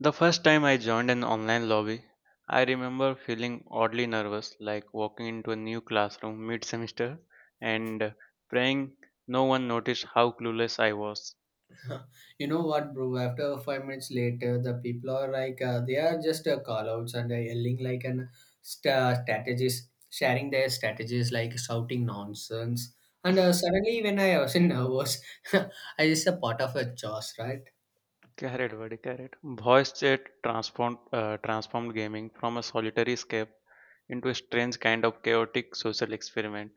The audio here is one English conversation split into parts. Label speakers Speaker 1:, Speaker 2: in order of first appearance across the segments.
Speaker 1: The first time I joined an online lobby, I remember feeling oddly nervous, like walking into a new classroom mid semester and praying no one noticed how clueless I was.
Speaker 2: You know what, bro? After 5 minutes later, the people are like, they are just call outs and yelling like an strategist, sharing their strategies, like shouting nonsense. And suddenly, when I was in nervous, I just a part of a chaos, right?
Speaker 1: Carrot, buddy, carrot. Voice chat transformed gaming from a solitary escape into a strange kind of chaotic social experiment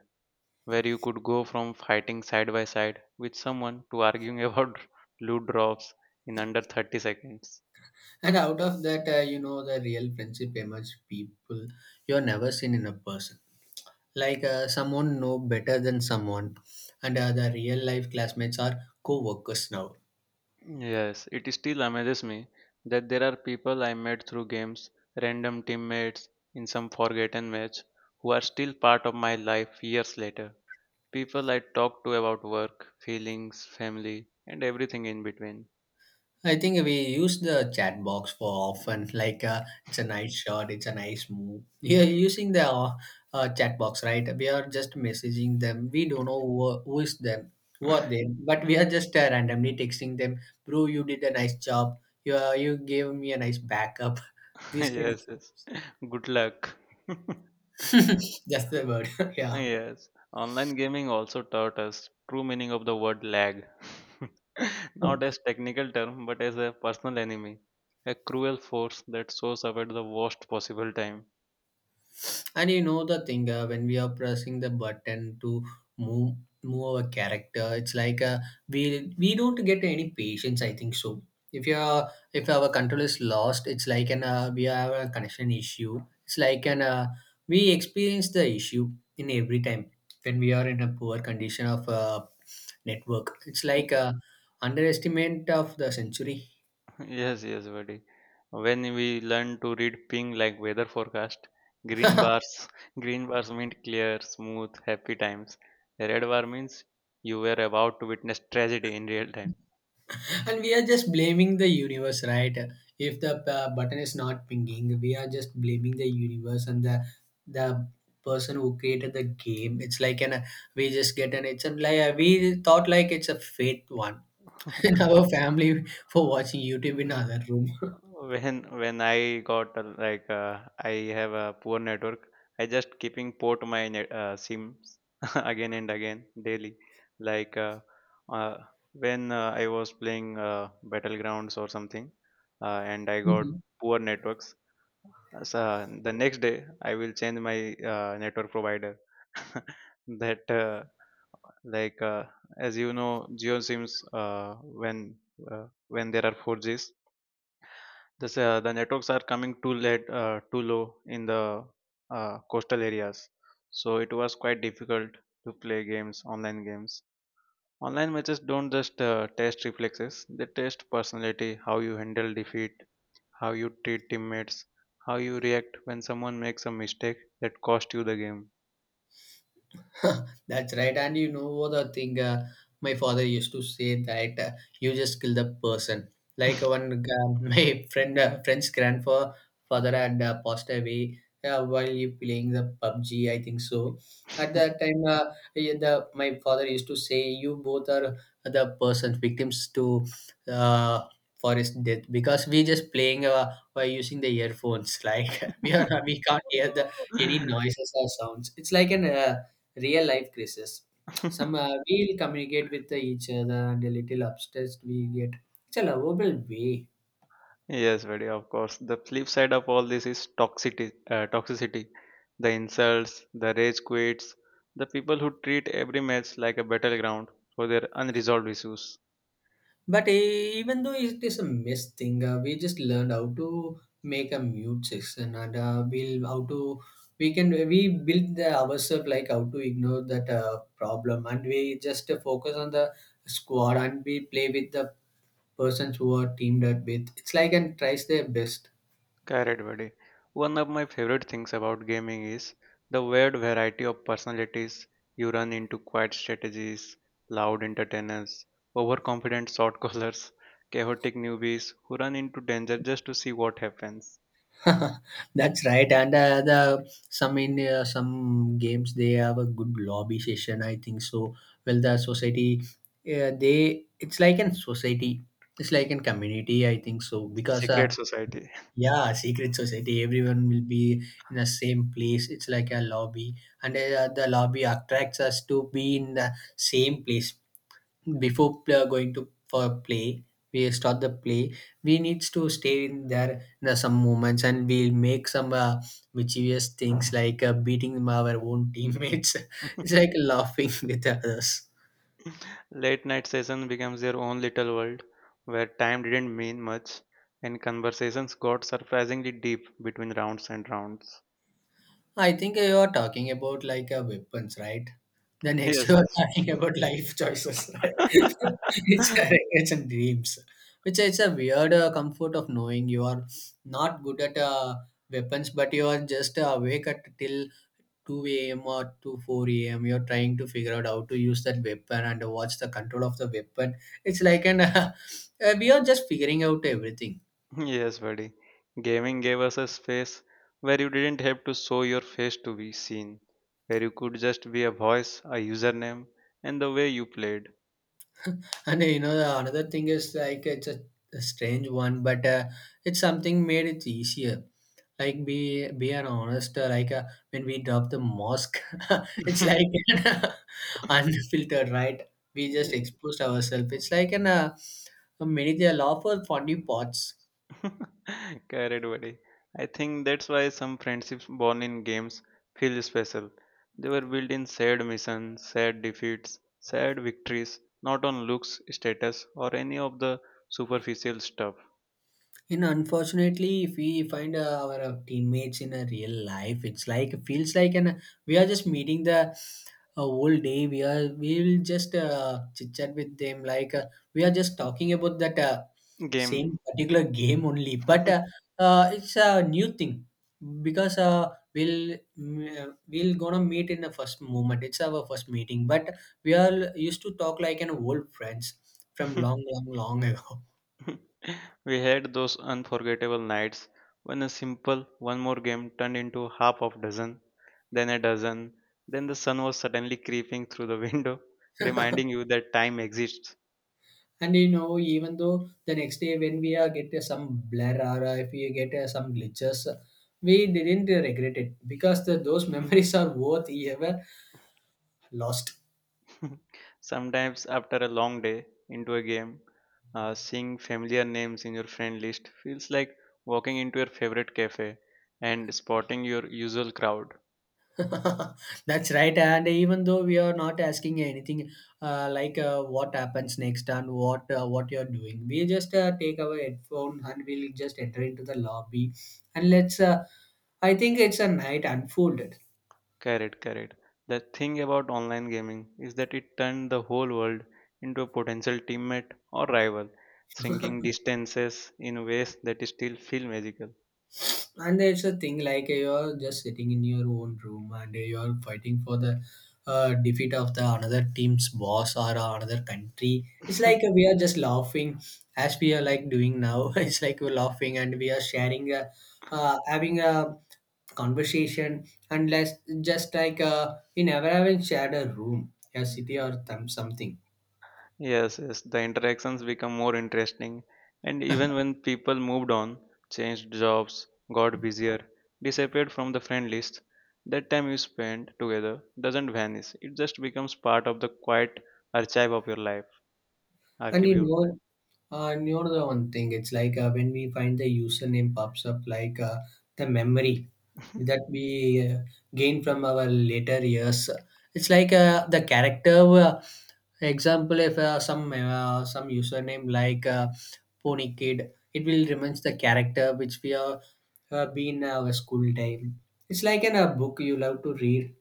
Speaker 1: where you could go from fighting side by side with someone to arguing about loot drops in under 30 seconds.
Speaker 2: And out of that, the real friendship emerged people you're never seen in a person. Like someone know better than someone, and the real life classmates are co-workers now.
Speaker 1: Yes, it still amazes me that there are people I met through games, random teammates in some forgotten match, who are still part of my life years later. People I talk to about work, feelings, family, and everything in between.
Speaker 2: I think we use the chat box for often. Like it's a nice shot, it's a nice move. You're using the chat box, right? We are just messaging them. We don't know who is them, who are they, but we are just randomly texting them. Bro, you did a nice job. You you gave me a nice backup. This kind, of,
Speaker 1: Yes, yes. Good luck.
Speaker 2: just the word. Yeah.
Speaker 1: Yes, online gaming also taught us true meaning of the word lag. Not as technical term, but as a personal enemy, a cruel force that shows up at the worst possible time.
Speaker 2: And you know the thing when we are pressing the button to move move our character, it's like we don't get any patience. I think so. If you are If our control is lost, it's like an we have a connection issue. It's like an we experience the issue in every time when we are in a poor condition of network. It's like a underestimate of the century.
Speaker 1: Yes, yes, buddy. When we learn to read ping like weather forecast, green bars, green bars mean clear, smooth, happy times. Red bar means you were about to witness tragedy in real time.
Speaker 2: And we are just blaming the universe, right? If the button is not pinging, we are just blaming the universe and the person who created the game. It's like an we just get an it's a like we thought like it's a fate one in our family for watching YouTube in other room.
Speaker 1: when when I got like I have a poor network. I just keeping port my sims again and again daily like uh, when I was playing battlegrounds or something, and I got poor networks. So the next day I will change my network provider, that like, as you know, geo sims, uh, when uh, when there are 4Gs, the networks are coming too late, too low in the coastal areas, so it was quite difficult to play games. Online matches don't just test reflexes; they test personality, how you handle defeat, how you treat teammates, how you react when someone makes a mistake that cost you the
Speaker 2: That's right. And you know what the thing, my father used to say that you just kill the person. Like my friend, friend's grandfather had passed away while you playing the PUBG. I think so. At that time, yeah, the my father used to say, "You both are the persons victims to uh, for his death because we just playing by using the earphones. Like we can't hear the any noises or sounds. It's like an real life crisis.
Speaker 1: game.
Speaker 2: Some we'll communicate with each other and a little obsessed we get. It's a lovable way.
Speaker 1: Yes, very of course. The flip side of all this is toxicity. The insults, the rage quits, the people who treat every match like a battleground for their unresolved issues.
Speaker 2: But even though it is a mess thing, we just learned how to make a mute section and we'll how to we can we build the ourselves like how to ignore that problem and we just focus on the squad and we play with the persons who are teamed up with. It's like and tries their best.
Speaker 1: Correct, buddy. One of my favorite things about gaming is the weird variety of personalities you run into: quiet strategies, loud entertainers, overconfident shot callers, chaotic newbies who run into danger just to see what happens.
Speaker 2: That's right, and the some in some games they have a good lobby session. I think so. Well, the society, they it's like an society, it's like an community. I think so because
Speaker 1: Secret society.
Speaker 2: yeah, secret society. Everyone will be in the same place. It's like a lobby, and the lobby attracts us to be in the same place before going to for play we start the play we needs to stay in there in some moments and we make some mischievous things like beating our own teammates it's like laughing with others.
Speaker 1: Late night session becomes their own little world where time didn't mean much and conversations got surprisingly deep between rounds and rounds.
Speaker 2: I think you are talking about like weapons, right? The next
Speaker 1: Yes,
Speaker 2: you are
Speaker 1: yes.
Speaker 2: talking about life choices, right? It's, a, it's a dreams, which is a weird comfort of knowing you are not good at weapons, but you are just awake at till 2 a.m. or 2 4 a.m. You're trying to figure out how to use that weapon and watch the control of the weapon. It's like an we are just figuring out everything.
Speaker 1: Yes, buddy. Gaming gave us a space where you didn't have to show your face to be seen, where you could just be a voice, a username, and the way you played.
Speaker 2: And you know the another thing is like it's a strange one, but it's something made it easier. Like be an honest. Like when we drop the mosque, it's like an, unfiltered, right? We just exposed ourselves. It's like an many they allow for funny parts.
Speaker 1: Correct, buddy. I think that's why some friendships born in games feel special. They were built in sad missions, sad defeats, sad victories, not on looks, status, or any of the superficial stuff.
Speaker 2: And unfortunately, if we find our teammates in a real life, it's like feels like an we are just meeting the whole day. We will just chit chat with them like we are just talking about that
Speaker 1: Game.
Speaker 2: same particular game only. But it's a new thing because we'll we'll gonna meet in the first moment. It's our first meeting, but we are used to talk like an old friends from long, long, long ago.
Speaker 1: We had those unforgettable nights when a simple one more game turned into half of dozen, then a dozen, then the sun was suddenly creeping through the window, reminding you that time exists.
Speaker 2: And you know, even though the next day when we are get some blur or if we get some glitches, we didn't regret it because the, those memories are worth ever lost.
Speaker 1: Sometimes, after a long day into a game, seeing familiar names in your friend list feels like walking into your favorite cafe and spotting your usual crowd.
Speaker 2: That's right. And even though we are not asking anything like what happens next and what you're doing, we just take our headphone and we'll just enter into the lobby and let's. I think it's a night unfolded.
Speaker 1: Correct, correct. The thing about online gaming is that it turned the whole world into a potential teammate or rival, shrinking distances in ways that still feel magical.
Speaker 2: And it's a thing like you're just sitting in your own room and you're fighting for the defeat of the another team's boss or another country, it's like we are just laughing as we are like doing now. It's like we're laughing and we are sharing having a conversation and less just like we never even shared a room a city or something.
Speaker 1: Yes, yes, the interactions become more interesting. And even when people moved on, changed jobs, got busier, disappeared from the friend list, that time you spend together doesn't vanish. It just becomes part of the quiet archive of your life,
Speaker 2: And
Speaker 1: archive of
Speaker 2: you
Speaker 1: your life.
Speaker 2: know, the one thing, it's like when we find the username pops up, like the memory that we uh, gain from our later years. It's like the character. Example, if some username like Pony Kid, it will remains the character which we are been our school time. It's like in a book you love to read.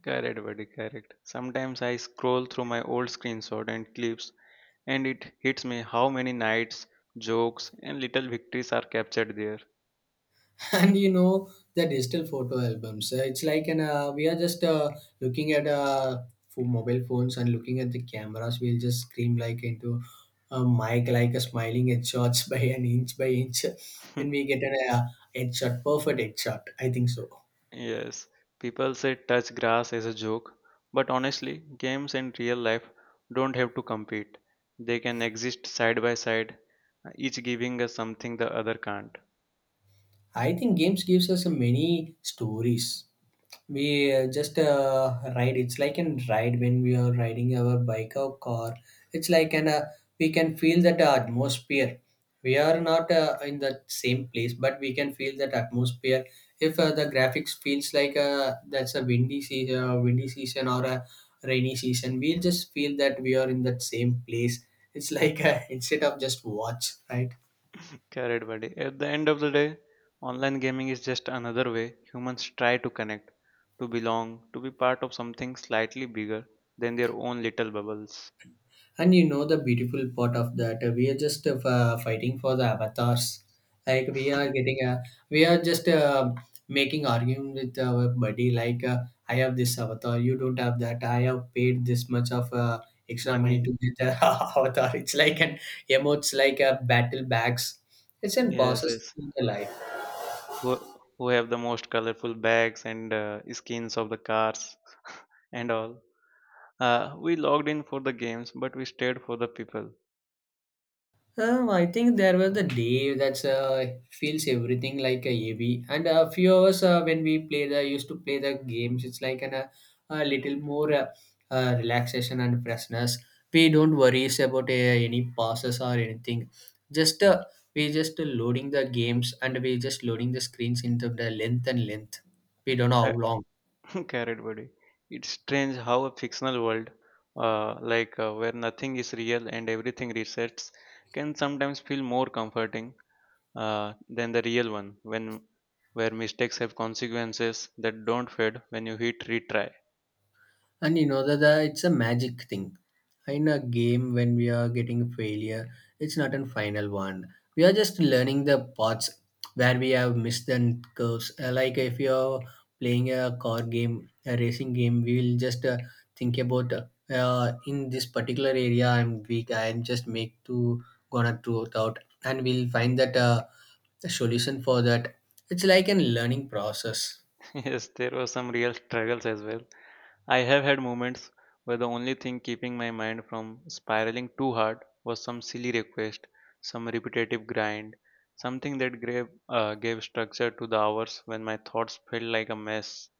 Speaker 1: Correct, buddy, correct. Sometimes I scroll through my old screenshot and clips, and it hits me how many nights, jokes, and little victories are captured there.
Speaker 2: And you know the digital photo albums it's like an we are just looking at for mobile phones and looking at the cameras, we'll just scream like into a mic like a smiling headshots by an inch by inch when we get an headshot perfect headshot, I think so.
Speaker 1: Yes, people say touch grass as a joke, but honestly, games in real life don't have to compete. They can exist side by side, each giving us something the other can't.
Speaker 2: I think games gives us many stories. We just ride it's like an ride when we are riding our bike or car, it's like an we can feel that atmosphere. We are not in the same place, but we can feel that atmosphere. If the graphics feels like that's a windy season, or a rainy season, we'll just feel that we are in that same place. It's like instead of just watch, right?
Speaker 1: Carried buddy. At the end of the day, online gaming is just another way humans try to connect, to belong, to be part of something slightly bigger than their own little bubbles.
Speaker 2: And you know the beautiful part of that, we are just fighting for the avatars. Like we are getting a, we are just making argument with our buddy. Like I have this avatar, you don't have that. I have paid this much of extra money
Speaker 1: Money.
Speaker 2: to get the avatar. It's like an emotes, like a battle bags. It's a
Speaker 1: Yes,
Speaker 2: process
Speaker 1: yes.
Speaker 2: in the life.
Speaker 1: Who, who have the most colorful bags and skins of the cars and all. We logged in for the games, but we stayed for the people.
Speaker 2: I think there was the day that feels everything like a heavy, and a few of us when we play the used to play the games, it's like an, a little more relaxation and freshness. We don't worries about any passes or anything. Just we just loading the games and we just loading the screens into the length and length. We don't know how
Speaker 1: Ca-
Speaker 2: long.
Speaker 1: Carrot buddy. It's strange how a fictional world, like where nothing is real and everything resets, can sometimes feel more comforting than the real one, when where mistakes have consequences that don't fade when you hit retry.
Speaker 2: And you know that it's a magic thing. In a game, when we are getting a failure, it's not a final one. We are just learning the parts where we have missed the curves. Like if you're playing a car game, a racing game, we will just think about in this particular area I'm weak. I'm just make to gonna throw it out, and we'll find that the solution for that. It's like a learning process.
Speaker 1: Yes, there were some real struggles as well. I have had moments where the only thing keeping my mind from spiraling too hard was some silly request, some repetitive grind, something that gave structure to the hours when my thoughts felt like a mess.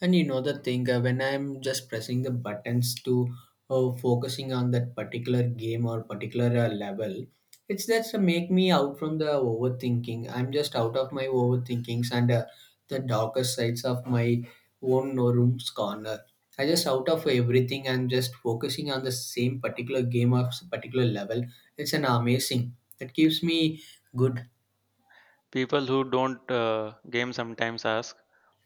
Speaker 2: And you know the thing, when I'm just pressing the buttons to focusing on that particular game or particular level, it's that's make me out from the overthinking. I'm just out of my overthinkings and the darker sides of my own no room's corner. I just out of everything. I'm just focusing on the same particular game of particular level. It's an amazing. That keeps me good.
Speaker 1: People who don't game sometimes ask,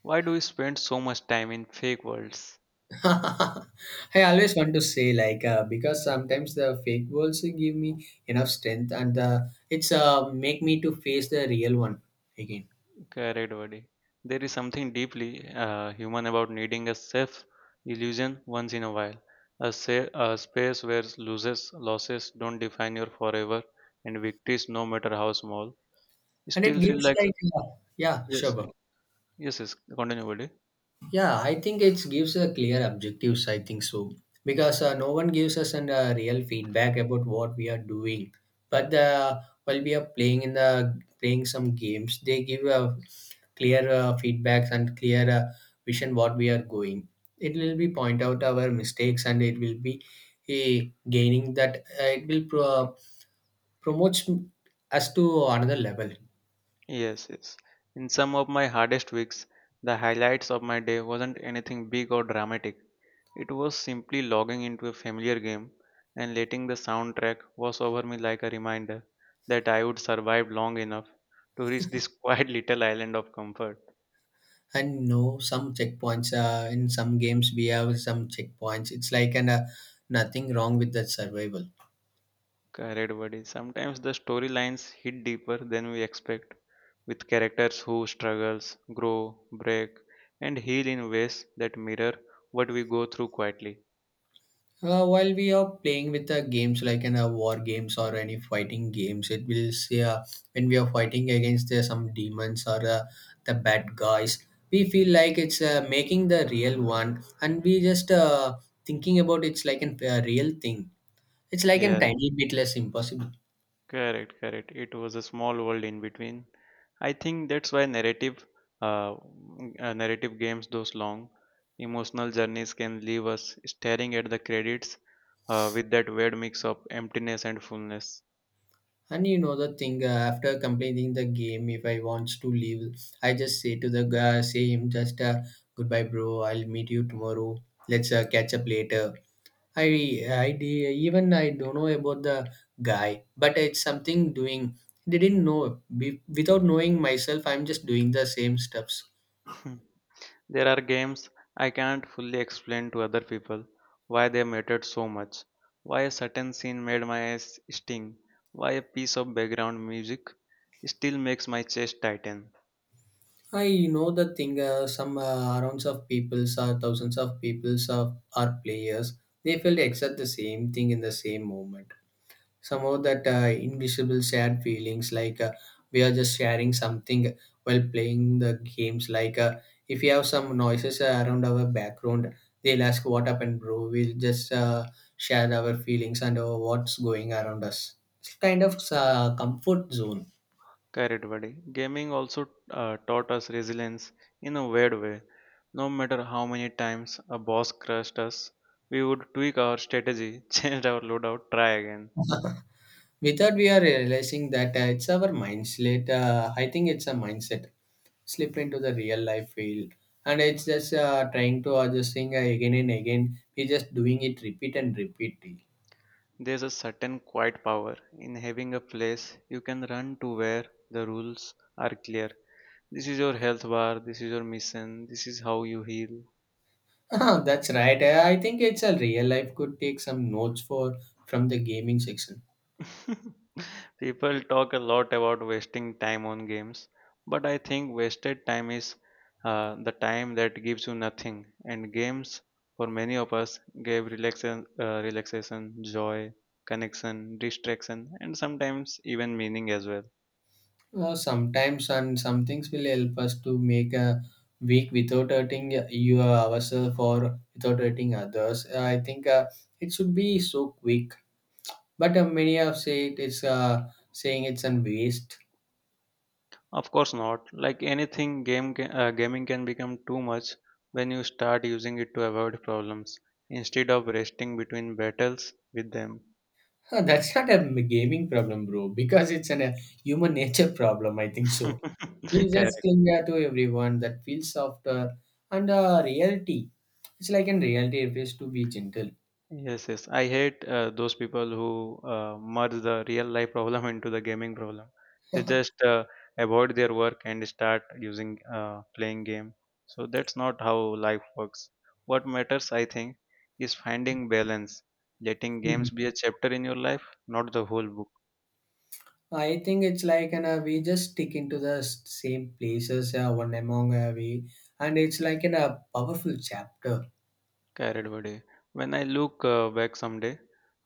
Speaker 1: "Why do we spend so much time in fake worlds?"
Speaker 2: I always want to say because sometimes the fake worlds give me enough strength and it's make me to face the real one again.
Speaker 1: Correct, buddy. There is something deeply human about needing a safe illusion once in a while, a space where losses don't define your forever, and victories, no matter how small,
Speaker 2: And it
Speaker 1: still feel
Speaker 2: gives
Speaker 1: like.
Speaker 2: yeah,
Speaker 1: Yes,
Speaker 2: sure, bro.
Speaker 1: yes, yes. Continue, buddy.
Speaker 2: Yeah, I think it gives a clear objectives, I think so, because no one gives us an real feedback about what we are doing. But while we are playing some games, they give a clear feedbacks and clear vision what we are going. It will be point out our mistakes, and it will be eh, gaining that promotes us to another level.
Speaker 1: Yes, yes. In some of my hardest weeks, the highlights of my day wasn't anything big or dramatic. It was simply logging into a familiar game, and letting the soundtrack wash over me like a reminder that I would survive long enough to reach this quiet little island of comfort.
Speaker 2: And no, some checkpoints, in some games we have some checkpoints, it's like, and nothing wrong with that survival.
Speaker 1: Correct, buddy. Sometimes the storylines hit deeper than we expect, with characters who struggles, grow, break, and heal in ways that mirror what we go through quietly.
Speaker 2: While we are playing with the games, like in war games or any fighting games, it will say when we are fighting against some demons or the bad guys, we feel like it's making the real one, and we just thinking about it's like a real thing. It's like a
Speaker 1: Yes.
Speaker 2: tiny bit less impossible.
Speaker 1: Correct, correct. It was a small world in between. I think that's why narrative games, those long emotional journeys, can leave us staring at the credits with that weird mix of emptiness and fullness.
Speaker 2: And you know the thing, after completing the game, if I wants to leave, I just say to the guy, say him just goodbye, bro. I'll meet you tomorrow. Let's catch up later. Even I don't know about the guy, but it's something doing. They didn't know without knowing myself, I'm just doing the same steps.
Speaker 1: Hmm. There are games I can't fully explain to other people why they mattered so much, why a certain scene made my eyes sting, why a piece of background music still makes my chest tighten.
Speaker 2: I know the thing. Some rounds of peoples or thousands of peoples of are players. They felt exact the same thing in the same moment. Some of that invisible shared feelings, we are just sharing something while playing the games, if we have some noises around our background, they'll ask what happened, bro. We'll just share our feelings and what's going around us. It's kind of comfort zone.
Speaker 1: Correct, buddy. Gaming also taught us resilience in a weird way. No matter how many times a boss crushed us, we would tweak our strategy, change our loadout, try again.
Speaker 2: Without we are realizing that it's our mindset. I think it's a mindset slip into the real life field, and it's just trying to adjusting again and again. We just doing it repeat and repeat.
Speaker 1: There's a certain quiet power in having a place you can run to where the rules are clear. This is your health bar, this is your mission, this is how you heal.
Speaker 2: Ah, that's right. I think it's a real life could take some notes for from the gaming section.
Speaker 1: People talk a lot about wasting time on games, but I think wasted time is the time that gives you nothing. And games, for many of us, gave relaxation, joy, connection, distraction, and sometimes even meaning as well.
Speaker 2: Sometimes and some things will help us to make a week without hurting you ourselves or without hurting others. I think it should be so quick. But many have said it's saying it's an waste.
Speaker 1: Of course not. Like anything, gaming can become too much when you start using it to avoid problems instead of resting between battles with them.
Speaker 2: Huh, that's not a gaming problem, bro, because it's an, a human nature problem, I think so. We just
Speaker 1: Correct.
Speaker 2: cling to everyone that feels softer and reality. It's like in reality, it is to be gentle.
Speaker 1: Yes, yes. I hate those people who merge the real life problem into the gaming problem. They just avoid their work and start using playing game. So that's not how life works. What matters, I think, is finding balance, letting games
Speaker 2: Mhm.
Speaker 1: be a chapter in your life, not the whole book.
Speaker 2: I think it's like and we just stick into the same places one among we, and it's like in a powerful chapter.
Speaker 1: Carried by day. When I look back someday,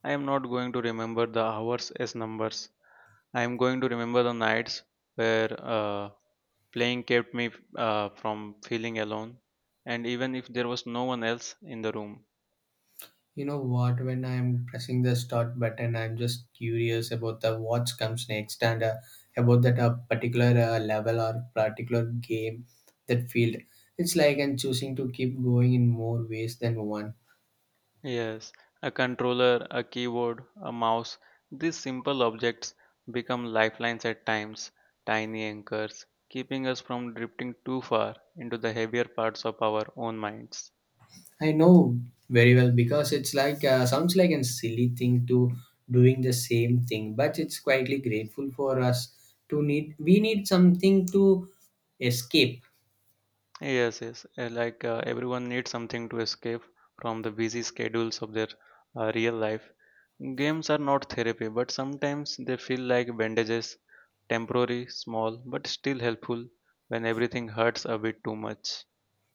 Speaker 1: I am not going to remember the hours as numbers. I am going to remember the nights where uh, playing kept me from feeling alone, and even if there was no one else in the room.
Speaker 2: You know what? When I'm pressing the start button, I'm just curious about the what comes next, and about that particular level or particular game, that field. It's like I'm choosing to keep going in more ways than one.
Speaker 1: Yes, a controller, a keyboard, a mouse, these simple objects become lifelines at times, tiny anchors, keeping us from drifting too far into the heavier parts of our own minds.
Speaker 2: I know very well because it's sounds like a silly thing to doing the same thing, but it's quietly grateful for us to need. We need something to escape.
Speaker 1: Yes, yes. Like everyone needs something to escape from the busy schedules of their real life. Games are not therapy, but sometimes they feel like bandages, temporary, small, but still helpful when everything hurts a bit too much.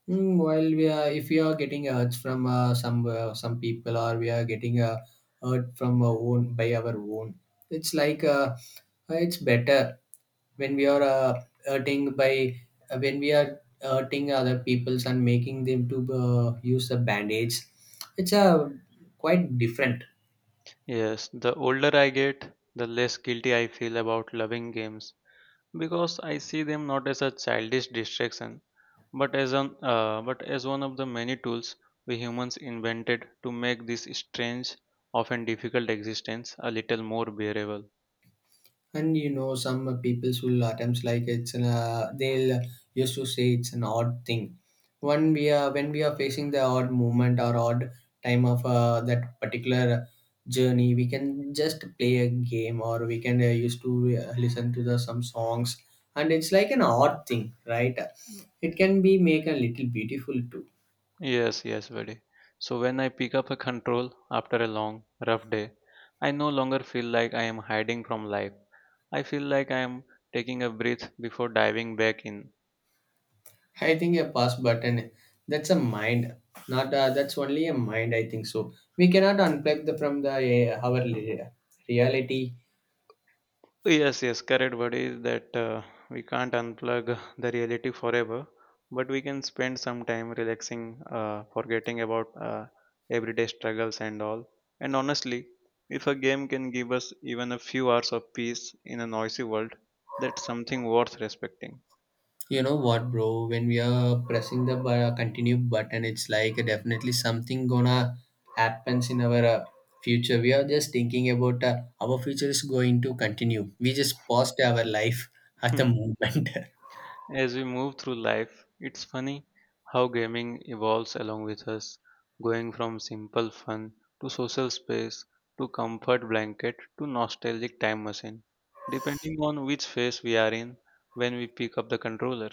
Speaker 2: Mm, while we are, if we are getting hurt from some people, or we are getting hurt from our own by our own, it's like it's better when we are hurting by when we are hurting other people's and making them to use the bandage. It's a quite different.
Speaker 1: Yes, the older I get, the less guilty I feel about loving games because I see them not as a childish distraction, but as one of the many tools we humans invented to make this strange, often difficult existence a little more bearable.
Speaker 2: And you know, some people's will attempts like it's an, they'll used to say it's an odd thing when we are facing the odd moment or odd time of that particular journey, we can just play a game, or we can used to listen to the some songs. And it's like an odd thing, right?
Speaker 1: Mm.
Speaker 2: It can be make a little beautiful too.
Speaker 1: Yes, yes, buddy. So when I pick up a control after a long, rough day, I no longer feel like I am hiding from life. I feel like I am taking a breath before diving back in.
Speaker 2: I think a pause button, that's a mind, not that's only a mind, I think so. We cannot unplug the from the our reality.
Speaker 1: Yes, yes, correct, buddy. That we can't unplug the reality forever, but we can spend some time relaxing, forgetting about everyday struggles and all. And honestly, if a game can give us even a few hours of peace in a noisy world, that's something worth respecting.
Speaker 2: You know what, bro? When we are pressing the continue button, it's like definitely something gonna happens in our future. We are just thinking about our future is going to continue. We just paused our life at the moment.
Speaker 1: As we move through life, it's funny how gaming evolves along with us, going from simple fun to social space to comfort blanket to nostalgic time machine, depending on which phase we are in when we pick up the controller.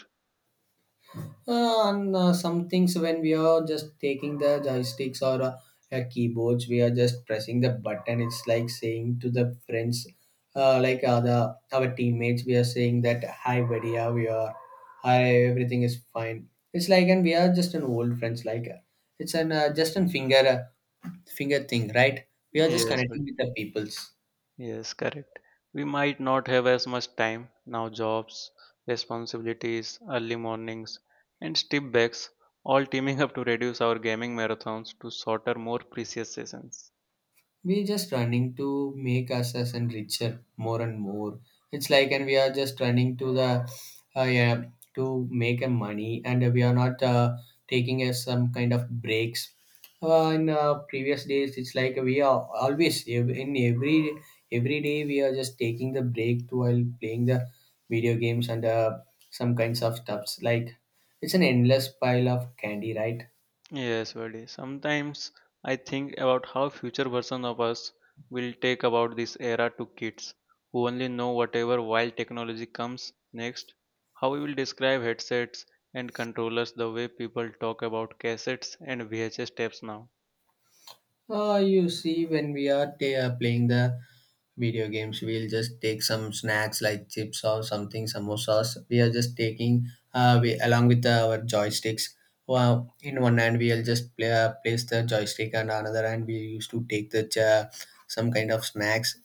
Speaker 2: And some things when we are just taking the joysticks or keyboards, we are just pressing the button. It's like saying to the friends, the, our teammates, we are saying that hi, buddy, how we are, hi, everything is fine. It's like, and we are just an old friends, it's an just an finger finger thing, right? We are just
Speaker 1: Yes,
Speaker 2: connecting
Speaker 1: but-
Speaker 2: with the peoples.
Speaker 1: yes, correct. We might not have as much time now, jobs, responsibilities, early mornings, and step backs all teaming up to reduce our gaming marathons to shorter, more precious sessions.
Speaker 2: We're just running to make ourselves and richer more and more. It's like, and we are just running to the, yeah, to make a money, and we are not taking some kind of breaks. In previous days, it's like we are always in every day, we are just taking the break to while playing the video games and some kinds of stuffs. Like it's an endless pile of candy, right?
Speaker 1: Yes, buddy. Sometimes I think about how future version of us will take about this era to kids who only know whatever wild technology comes next. How we will describe headsets and controllers the way people talk about cassettes and VHS tapes now.
Speaker 2: You see, when we are ta playing the video games, we'll just take some snacks like chips or something, samosas. We are just taking we along with our joysticks. Well, in one hand we'll just play, place the joystick, and another hand we used to take the some kind of snacks.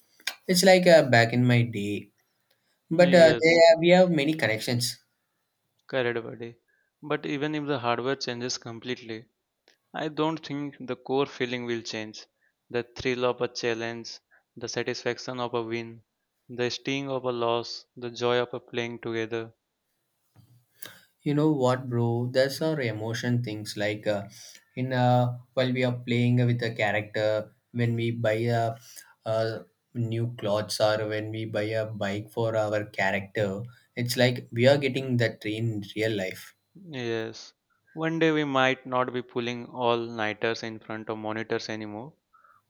Speaker 2: It's like back in my day, but they,
Speaker 1: Yes,
Speaker 2: we have many connections.
Speaker 1: correct, buddy. But even if the hardware changes completely, I don't think the core feeling will change. The thrill of a challenge, the satisfaction of a win, the sting of a loss, the joy of a playing together.
Speaker 2: You know what, bro? There's our emotion things like in while we are playing with a character, when we buy a new clothes, or when we buy a bike for our character, it's like we are getting that in real life.
Speaker 1: Yes. One day we might not be pulling all nighters in front of monitors anymore,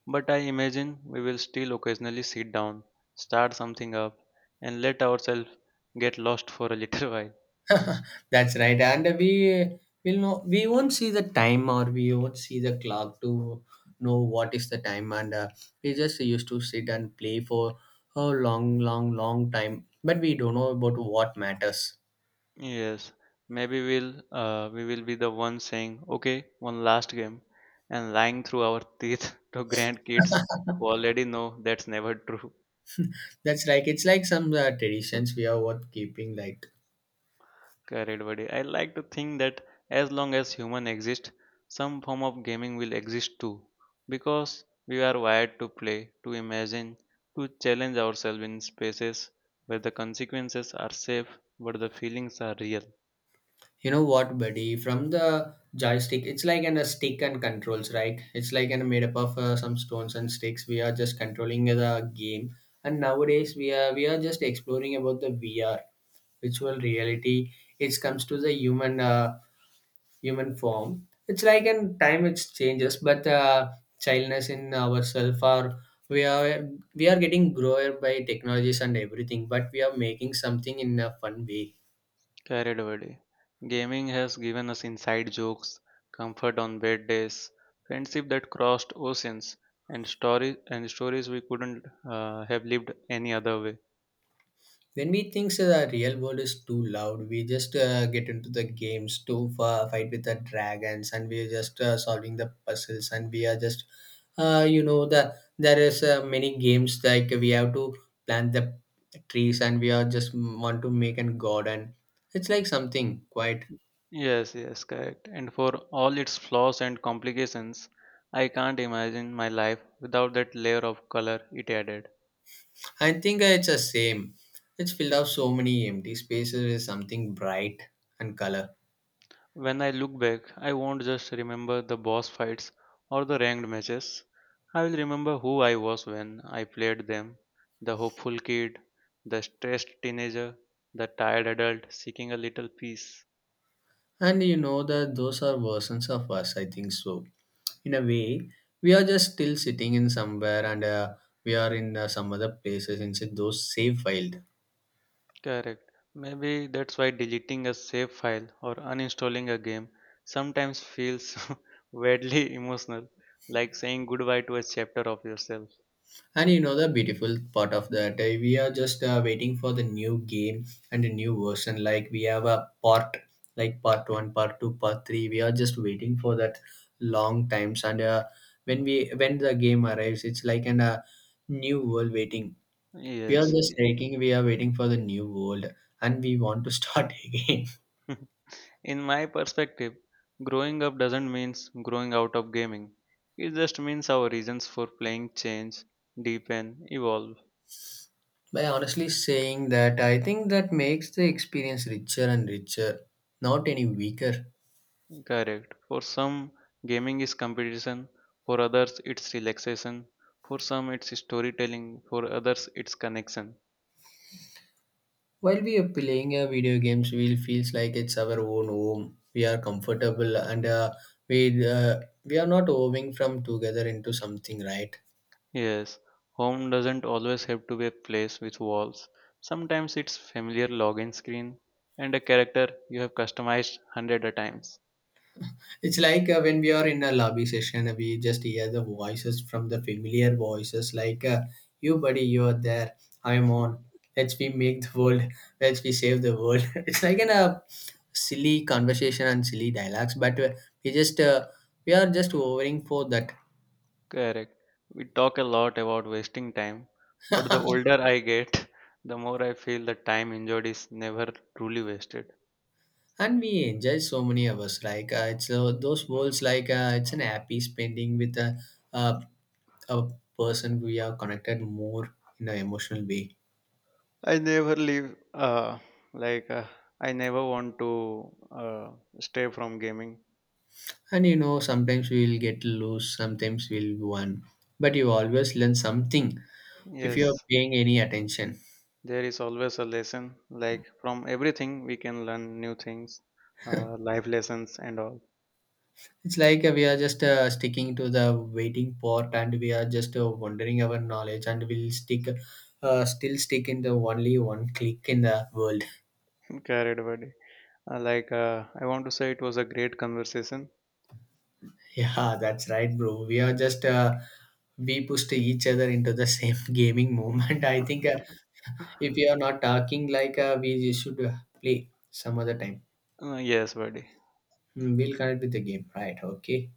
Speaker 1: but I imagine we will still occasionally sit down, start something up, and let ourselves get lost for a little while.
Speaker 2: That's right, and we will know we won't see the time, or we won't see the clock to know what is the time, and we just used to sit and play for a long, long, long time, but we don't know about what matters.
Speaker 1: Yes, maybe we will be the ones saying, "Okay, one last game," and lying through our teeth to grandkids who already know that's never true.
Speaker 2: That's like it's like some traditions we are worth keeping. Like,
Speaker 1: Correct, buddy. I like to think that as long as human exist, some form of gaming will exist too, because we are wired to play, to imagine, to challenge ourselves in spaces where the consequences are safe but the feelings are real.
Speaker 2: you know what, buddy? From the joystick, it's like an, a stick and controls, right? It's like an made up of some stones and sticks. We are just controlling the game, and nowadays we are just exploring about the VR, virtual reality. It comes to the human. Human form. It's like in time it changes, but childness in ourselves or we are we are getting grower by technologies and everything, but we are making something in a fun way.
Speaker 1: Carried away. Gaming has given us inside jokes, comfort on bad days, friendship that crossed oceans, and stories we couldn't have lived any other way.
Speaker 2: When we think the real world is too loud, we just get into the games to fight with the dragons, and we are just solving the puzzles, and we are just you know, there is many games like we have to plant the trees and we are just want to make a garden. It's like something quite.
Speaker 1: Yes, yes, correct. And for all its flaws and complications, I can't imagine my life without that layer of color it added.
Speaker 2: I think it's the same. It's filled up so many empty spaces with something bright and color.
Speaker 1: When I look back, I won't just remember the boss fights or the ranked matches. I will remember who I was when I played them the hopeful kid, the stressed teenager, the tired adult seeking a little peace.
Speaker 2: And you know that those are versions of us, I think so. In a way, we are just still sitting in somewhere, and we are in some other places inside those save wild.
Speaker 1: Correct. Maybe that's why deleting a save file or uninstalling a game sometimes feels weirdly emotional, like saying goodbye to a chapter of yourself.
Speaker 2: And you know the beautiful part of that, we are just waiting for the new game and a new version. Like we have a part, like part one, part two, part three. We are just waiting for that long times. And when we when the game arrives, it's like an new world waiting. We are
Speaker 1: Yes.
Speaker 2: just taking, we are waiting for the new world, and we want to start again.
Speaker 1: In my perspective, growing up doesn't mean growing out of gaming. It just means our reasons for playing change, deepen, evolve.
Speaker 2: By honestly saying that, I think that makes the experience richer and richer, not any weaker.
Speaker 1: Correct. For some, gaming is competition. For others, it's relaxation. For some, it's storytelling. For others, it's connection.
Speaker 2: While we are playing a video games, we feels like it's our own home. We are comfortable and we we are not moving from together into something, right?
Speaker 1: Yes, home doesn't always have to be a place with walls. Sometimes it's familiar login screen and a character you have customized hundred a times.
Speaker 2: It's like when we are in a lobby session, we just hear the voices from the familiar voices, like "You, buddy, you are there. I'm on. Let's we make the world. Let's we save the world." It's like in a silly conversation and silly dialogues, but we just we are just overing for that,
Speaker 1: Correct. We talk a lot about wasting time, but the older I get, the more I feel the time enjoyed is never truly wasted.
Speaker 2: and we enjoy so many hours. Like it's those worlds, like it's an happy spending with a a person we are connected more in an emotional way.
Speaker 1: I never like, uh, I never want to stay from gaming.
Speaker 2: And you know, sometimes we will get loose, sometimes we'll win, but you always learn something if you're
Speaker 1: Yes,
Speaker 2: paying any attention.
Speaker 1: there is always a lesson. Like, from everything, we can learn new things, life lessons, and all.
Speaker 2: It's like we are just sticking to the waiting part, and we are just wondering our knowledge, and we'll stick, still stick in the only one click in the world.
Speaker 1: Correct, buddy. I want to say it was a great conversation.
Speaker 2: Yeah, that's right, bro. We are just, we pushed each other into the same gaming moment. I think if you are not talking, like we should play some other time.
Speaker 1: Yes, buddy.
Speaker 2: Hmm, we'll connect with the game, right? Okay.